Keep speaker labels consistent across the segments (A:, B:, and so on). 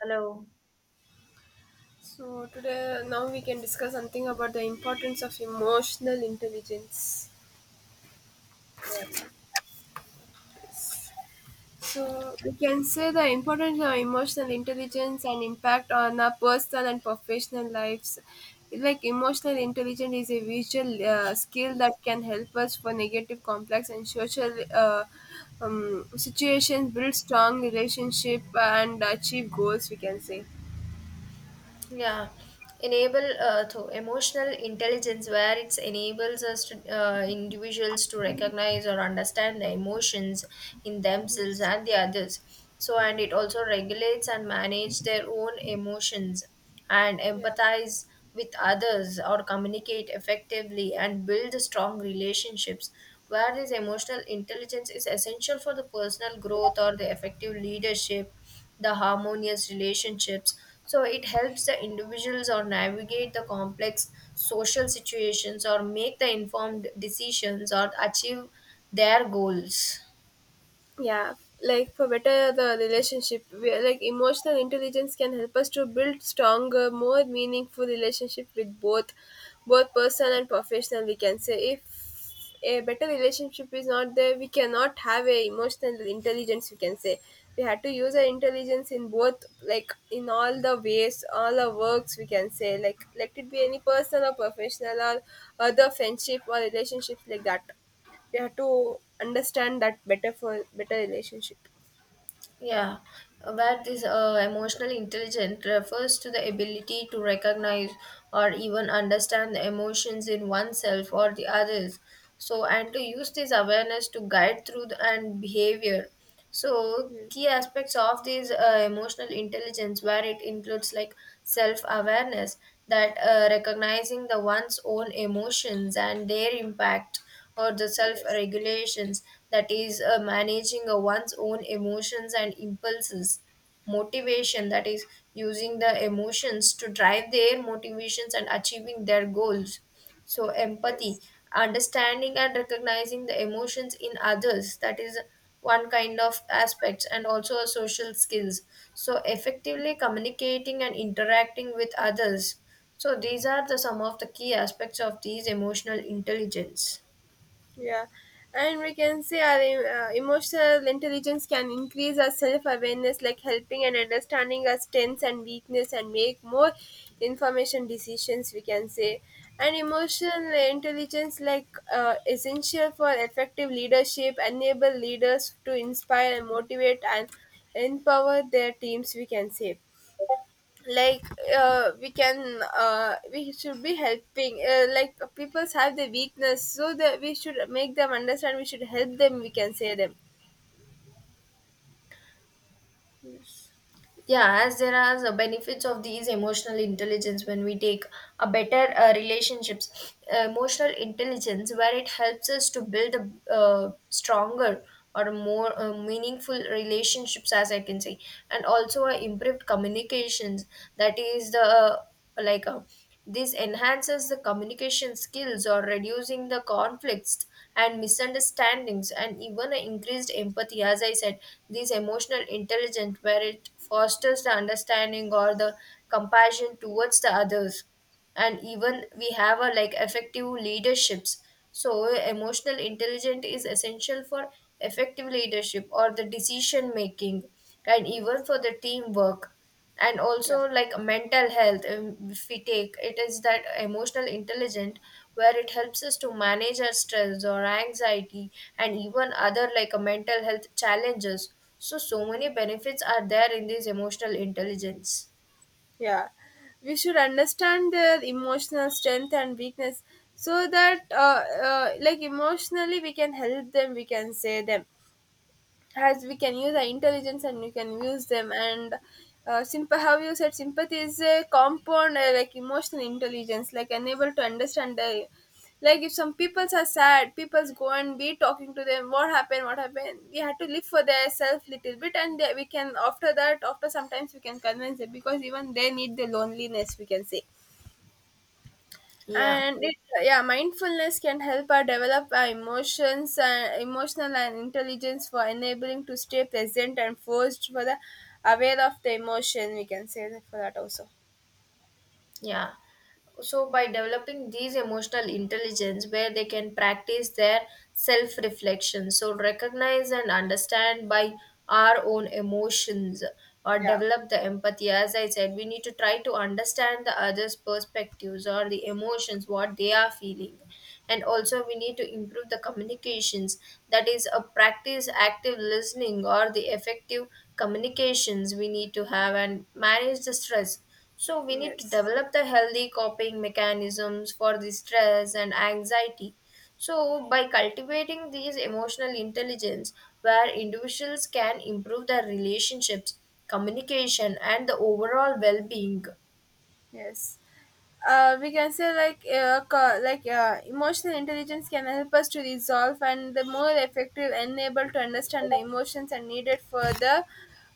A: Hello.
B: So today now we can discuss something about the importance of emotional intelligence.
A: Yeah.
B: So we can say the importance of emotional intelligence and impact on our personal and professional lives. Like emotional intelligence is a visual skill that can help us for negative, complex, and social situations, build strong relationship, and achieve goals. We can say.
A: Yeah, enable to emotional intelligence where it enables us to individuals to recognize or understand the emotions in themselves
B: Yes.
A: and the others. So, and it also regulates and manage their own emotions and
B: Yeah.
A: empathize with others or communicate effectively and build strong relationships, where this emotional intelligence is essential for the personal growth or the effective leadership, the harmonious relationships. So it helps the individuals or navigate the complex social situations or make the informed decisions or achieve their goals.
B: Yeah, like for better the relationship we are like emotional intelligence can help us to build stronger more meaningful relationship with both both personal and professional, we can say. If a better relationship is not there we cannot have a emotional intelligence, we can say. We had to use our intelligence in both, like in all the ways, all our works we can say, like let it be any personal or professional or other friendship or relationships like that. They have to understand that better for better relationship.
A: Yeah, where this emotional intelligence refers to the ability to recognize or even understand the emotions in oneself or the others. So, and to use this awareness to guide through the, and behavior. So,
B: Hmm.
A: key aspects of this emotional intelligence, where it includes like self awareness, that recognizing the one's own emotions and their impact or the self
B: Yes,
A: regulations, that is managing one's own emotions and impulses, motivation, that is using the emotions to drive their motivations and achieving their goals, so empathy,
B: yes,
A: understanding and recognizing the emotions in others, that is one kind of aspects, and also social skills, so effectively communicating and interacting with others. So these are the some of the key aspects of these emotional intelligence.
B: yeah. And we can say our emotional intelligence can increase our self awareness, like helping and understanding our strengths and weakness, and make more information decisions, we can say, and emotional intelligence like essential for effective leadership, enable leaders to inspire and motivate and empower their teams, we can say. Like we should be helping, like people have the weakness so that we should make them understand, we should help them, we can say them.
A: Yeah, as there are the benefits of these emotional intelligence, when we take a better relationships, emotional intelligence where it helps us to build a stronger or more meaningful relationships, as I can say. And also improved communications, that is the like a. This enhances the communication skills or reducing the conflicts and misunderstandings, and even a increased empathy. As I said, this emotional intelligence where it fosters the understanding or the compassion towards the others. And even we have a like effective leaderships. So emotional intelligence is essential for effective leadership or the decision making and even
B: Yes,
A: for the teamwork, and
B: yeah,
A: also like mental health, if we take, it is that emotional intelligent where it helps us to manage our stress or anxiety and even other like mental health challenges. So so many benefits are there in this emotional intelligence.
B: yeah, we should understand their emotional strength and weakness so that, like emotionally we can help them, we can say them, as we can use our intelligence and we can use them. And how you said sympathy is a compound like emotional intelligence, like unable to understand the, like if some peoples are sad peoples go and be talking to them, what happened, what happened, we have to live for their self little bit and they, we can after that, after sometimes we can convince them because even they need the loneliness, we can say.
A: Yeah.
B: And it, yeah, mindfulness can help us develop our emotions and emotional and intelligence for enabling to stay present and forced for the aware of the emotion, we can say, that for that also.
A: Yeah. So, by developing these emotional intelligence, where they can practice their self reflection, so recognize and understand by our own emotions or
B: Yeah,
A: develop the empathy. As I said, we need to try to understand the other's perspectives or the emotions, what they are feeling. And also, we need to improve the communications, that is, a practice active listening or the effective communications we need to have, and manage the stress, so we need to
B: yes,
A: develop the healthy coping mechanisms for the stress and anxiety. So by cultivating these emotional intelligence, where individuals can improve their relationships, communication and the overall well-being.
B: yes. We can say like like emotional intelligence can help us to resolve and the more effective and able to understand the emotions and needed for the,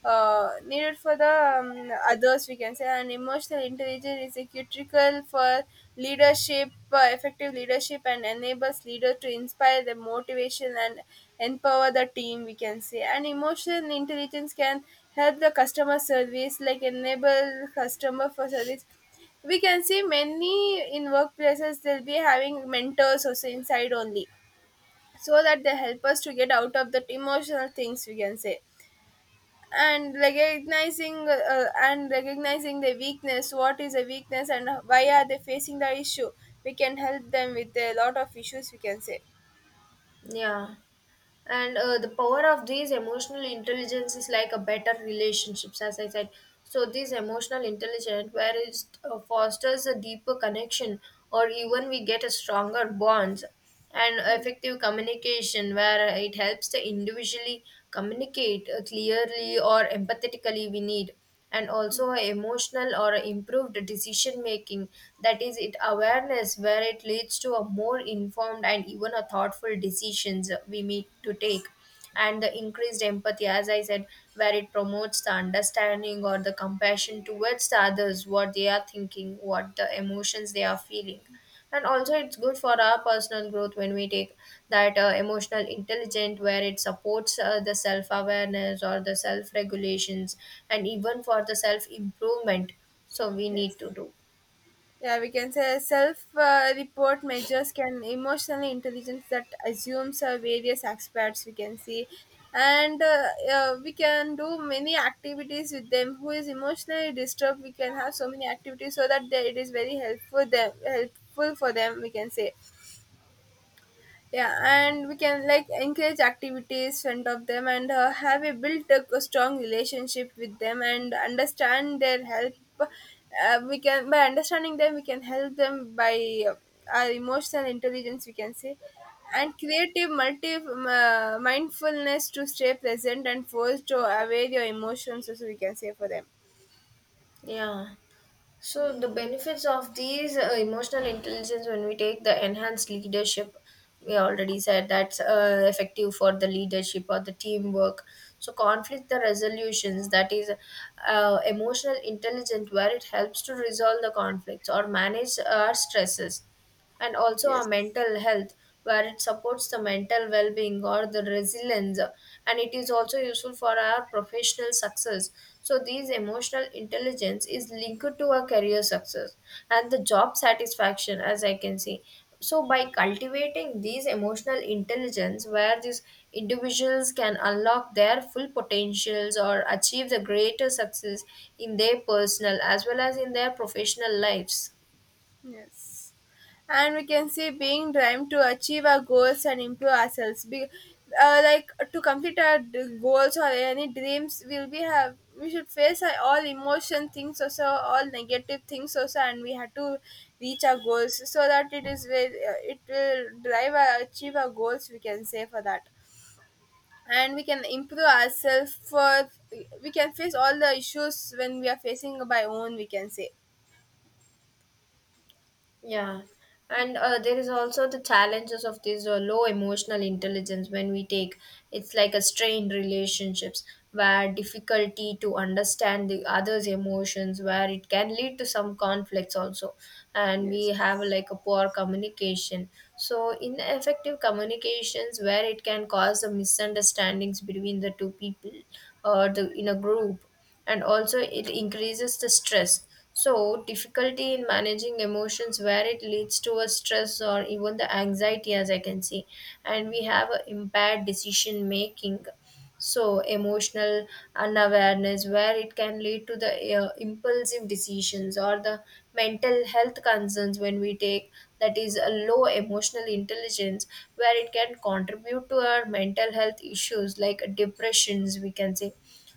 B: others, we can say. And emotional intelligence is a critical for leadership, effective leadership, and enables leader to inspire the motivation and empower the team, we can say. And emotional intelligence can help the customer service, like enable customer for service. We can see many in workplaces they'll be having mentors also inside only, so that they help us to get out of that emotional things, we can say. And recognizing, and recognizing the weakness, what is a weakness and why are they facing the issue, we can help them with a lot of issues, we can say.
A: Yeah. And the power of these emotional intelligence is like a better relationships, as I said. So this emotional intelligence where it fosters a deeper connection or even we get a stronger bonds, and
B: Yes,
A: effective communication where it helps the individually communicate clearly or empathetically we need. And also emotional or improved decision making, that is it awareness where it leads to a more informed and even a thoughtful decisions we need to take. And the increased empathy, as I said, where it promotes the understanding or the compassion towards the others, what they are thinking, what the emotions they are feeling. And also it's good for our personal growth when we take, that emotional intelligent where it supports the self awareness or the self regulations, and even for the self improvement, so we
B: yes,
A: need to do.
B: yeah. We can say self report measures can emotionally intelligence that assumes various aspects, we can see. And we can do many activities with them who is emotionally disturbed, we can have so many activities so that they, it is very helpful them, helpful for them, we can say. Yeah, and we can like encourage activities front of them and have a built a strong relationship with them and understand their help. We can, by understanding them we can help them by uh, our emotional intelligence, we can say. And creative multi mindfulness to stay present and forced to aware your emotions also, we can say for them.
A: Yeah. So the
B: Mm,
A: benefits of these emotional intelligence when we take, the enhanced leadership, we already said that's effective for the leadership or the teamwork. So conflict the resolutions, that is emotional intelligence where it helps to resolve the conflicts or manage our stresses, and also our
B: yes.
A: mental health where it supports the mental well-being or the resilience. And it is also useful for our professional success, so these emotional intelligence is linked to our career success and the job satisfaction, as I can see. So by cultivating these emotional intelligence, where these individuals can unlock their full potentials or achieve the greater success in their personal as well as in their professional lives.
B: Yes. And we can see being driven to achieve our goals and improve ourselves. Be, like to complete our goals or any dreams, will we have we should face all emotion things also, all negative things also, and we have to reach our goals so that it is very, it will drive our achieve our goals, we can say for that. And we can improve ourselves for we can face all the issues when we are facing by own, we can say.
A: Yeah, and there is also the challenges of this low emotional intelligence when we take. It's like a strained relationships, where difficulty to understand the other's emotions where it can lead to some conflicts also. And we
B: Yes.
A: have like a poor communication, so ineffective communications where it can cause the misunderstandings between the two people or the in a group. And also it increases the stress, so difficulty in managing emotions where it leads to a stress or even the anxiety, as I can see. And we have a impaired decision making, so emotional unawareness where it can lead to the impulsive decisions, or the mental health concerns when we take, that is a low emotional intelligence where it can contribute to our mental health issues like depressions, we can say.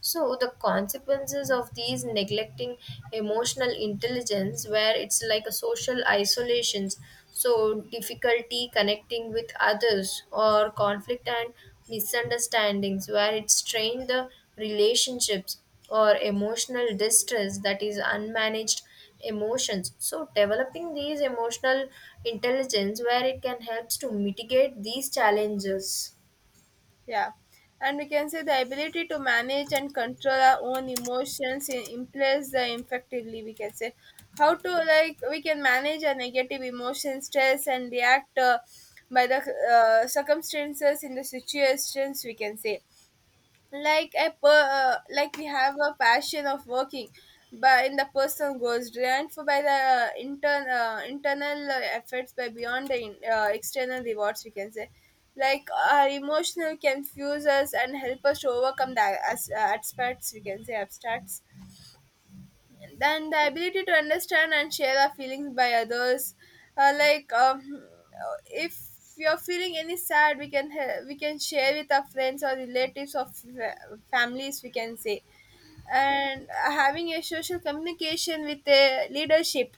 A: So the consequences of these neglecting emotional intelligence, where it's like a social isolations, so difficulty connecting with others, or conflict and misunderstandings, where it strain the relationships, or emotional distress, that is unmanaged emotions. So developing these emotional intelligence where it can helps to mitigate these challenges.
B: Yeah. And we can say the ability to manage and control our own emotions in place the effectively, we can say. How to, like, we can manage our negative emotion, stress, and react by the circumstances in the situations, we can say. Like a like we have a passion of working, but in the person goes driven for by the internal efforts by beyond the external rewards, we can say. Like our emotional confuse us and help us to overcome the abstracts we can say, abstracts. Then the ability to understand and share our feelings by others, uh, like um, if you're feeling any sad we can we can share with our friends or relatives or families, we can say. And having a social communication with a leadership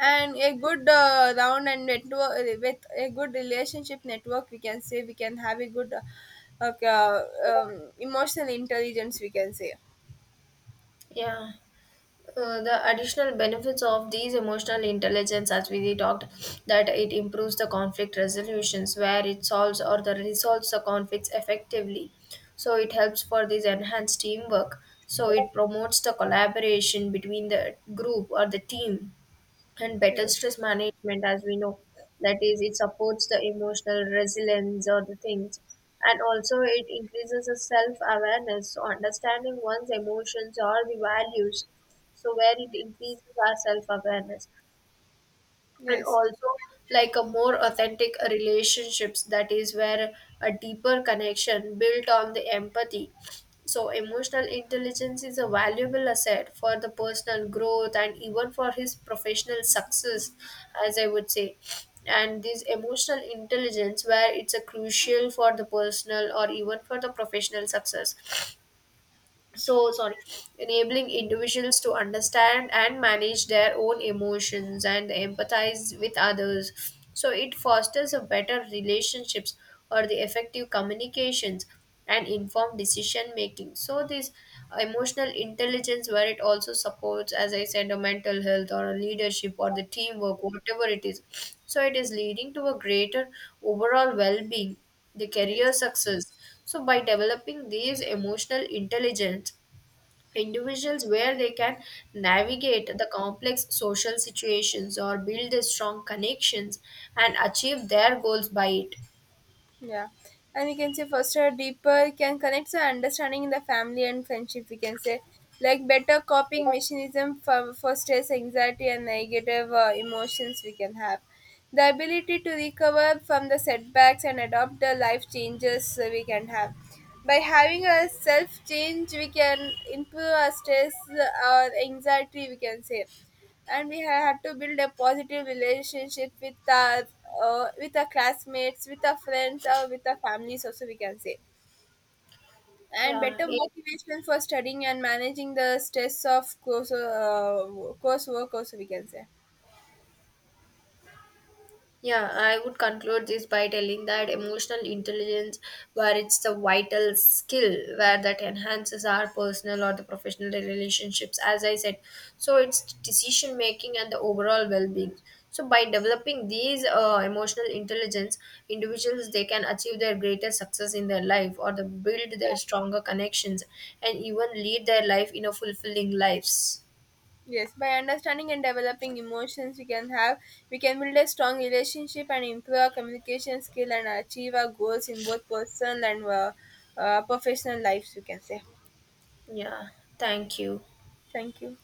B: and a good round and network, with a good relationship network we can say, we can have a good emotional intelligence, we can say.
A: Yeah. The additional benefits of these emotional intelligence, as we talked, that it improves the conflict resolutions where it solves or the resolves the conflicts effectively. So it helps for this enhanced teamwork, so it promotes the collaboration between the group or the team. And better
B: Yes,
A: stress management, as we know, that is it supports the emotional resilience or the things. And also it increases the self-awareness, so understanding one's emotions or the values, so where it increases our self-awareness. And
B: yes,
A: also like a more authentic relationships, that is where a deeper connection built on the empathy. So emotional intelligence is a valuable asset for the personal growth and even for his professional success, as I would say. And this emotional intelligence, where it's a crucial for the personal or even for the professional success, so sorry, enabling individuals to understand and manage their own emotions and empathize with others, so it fosters a better relationships or the effective communications and informed decision making. So this emotional intelligence where it also supports, as I said, a mental health or a leadership or the teamwork, whatever it is. So it is leading to a greater overall well-being, the career
B: yes.
A: success. So, by developing these emotional intelligence, individuals where they can navigate the complex social situations or build strong connections and achieve their goals by it.
B: Yeah. And we can say foster a deeper can connect to understanding in the family and friendship, we can say, like better coping mechanism for fosters anxiety and negative emotions we can have. The ability to recover from the setbacks and adopt the life changes, we can have. By having a self change, we can improve our stress or anxiety, we can say. And we had to build a positive relationship with our, with our classmates, with our friends, or with our families also, we can say. And
A: Yeah.
B: better motivation for studying and managing the stress of course, coursework also, we can say.
A: Yeah, I would conclude this by telling that emotional intelligence, where it's a vital skill, where that enhances our personal or the professional relationships, as I said. So it's decision making and the overall well-being. So by developing these emotional intelligence, individuals they can achieve their greatest success in their life, or the build their
B: Yeah.
A: stronger connections, and even lead their life in a fulfilling lives.
B: Yes, by understanding and developing emotions we can have, we can build a strong relationship and improve our communication skill and achieve our goals in both personal and professional lives, we can say.
A: Yeah, thank you.
B: Thank you.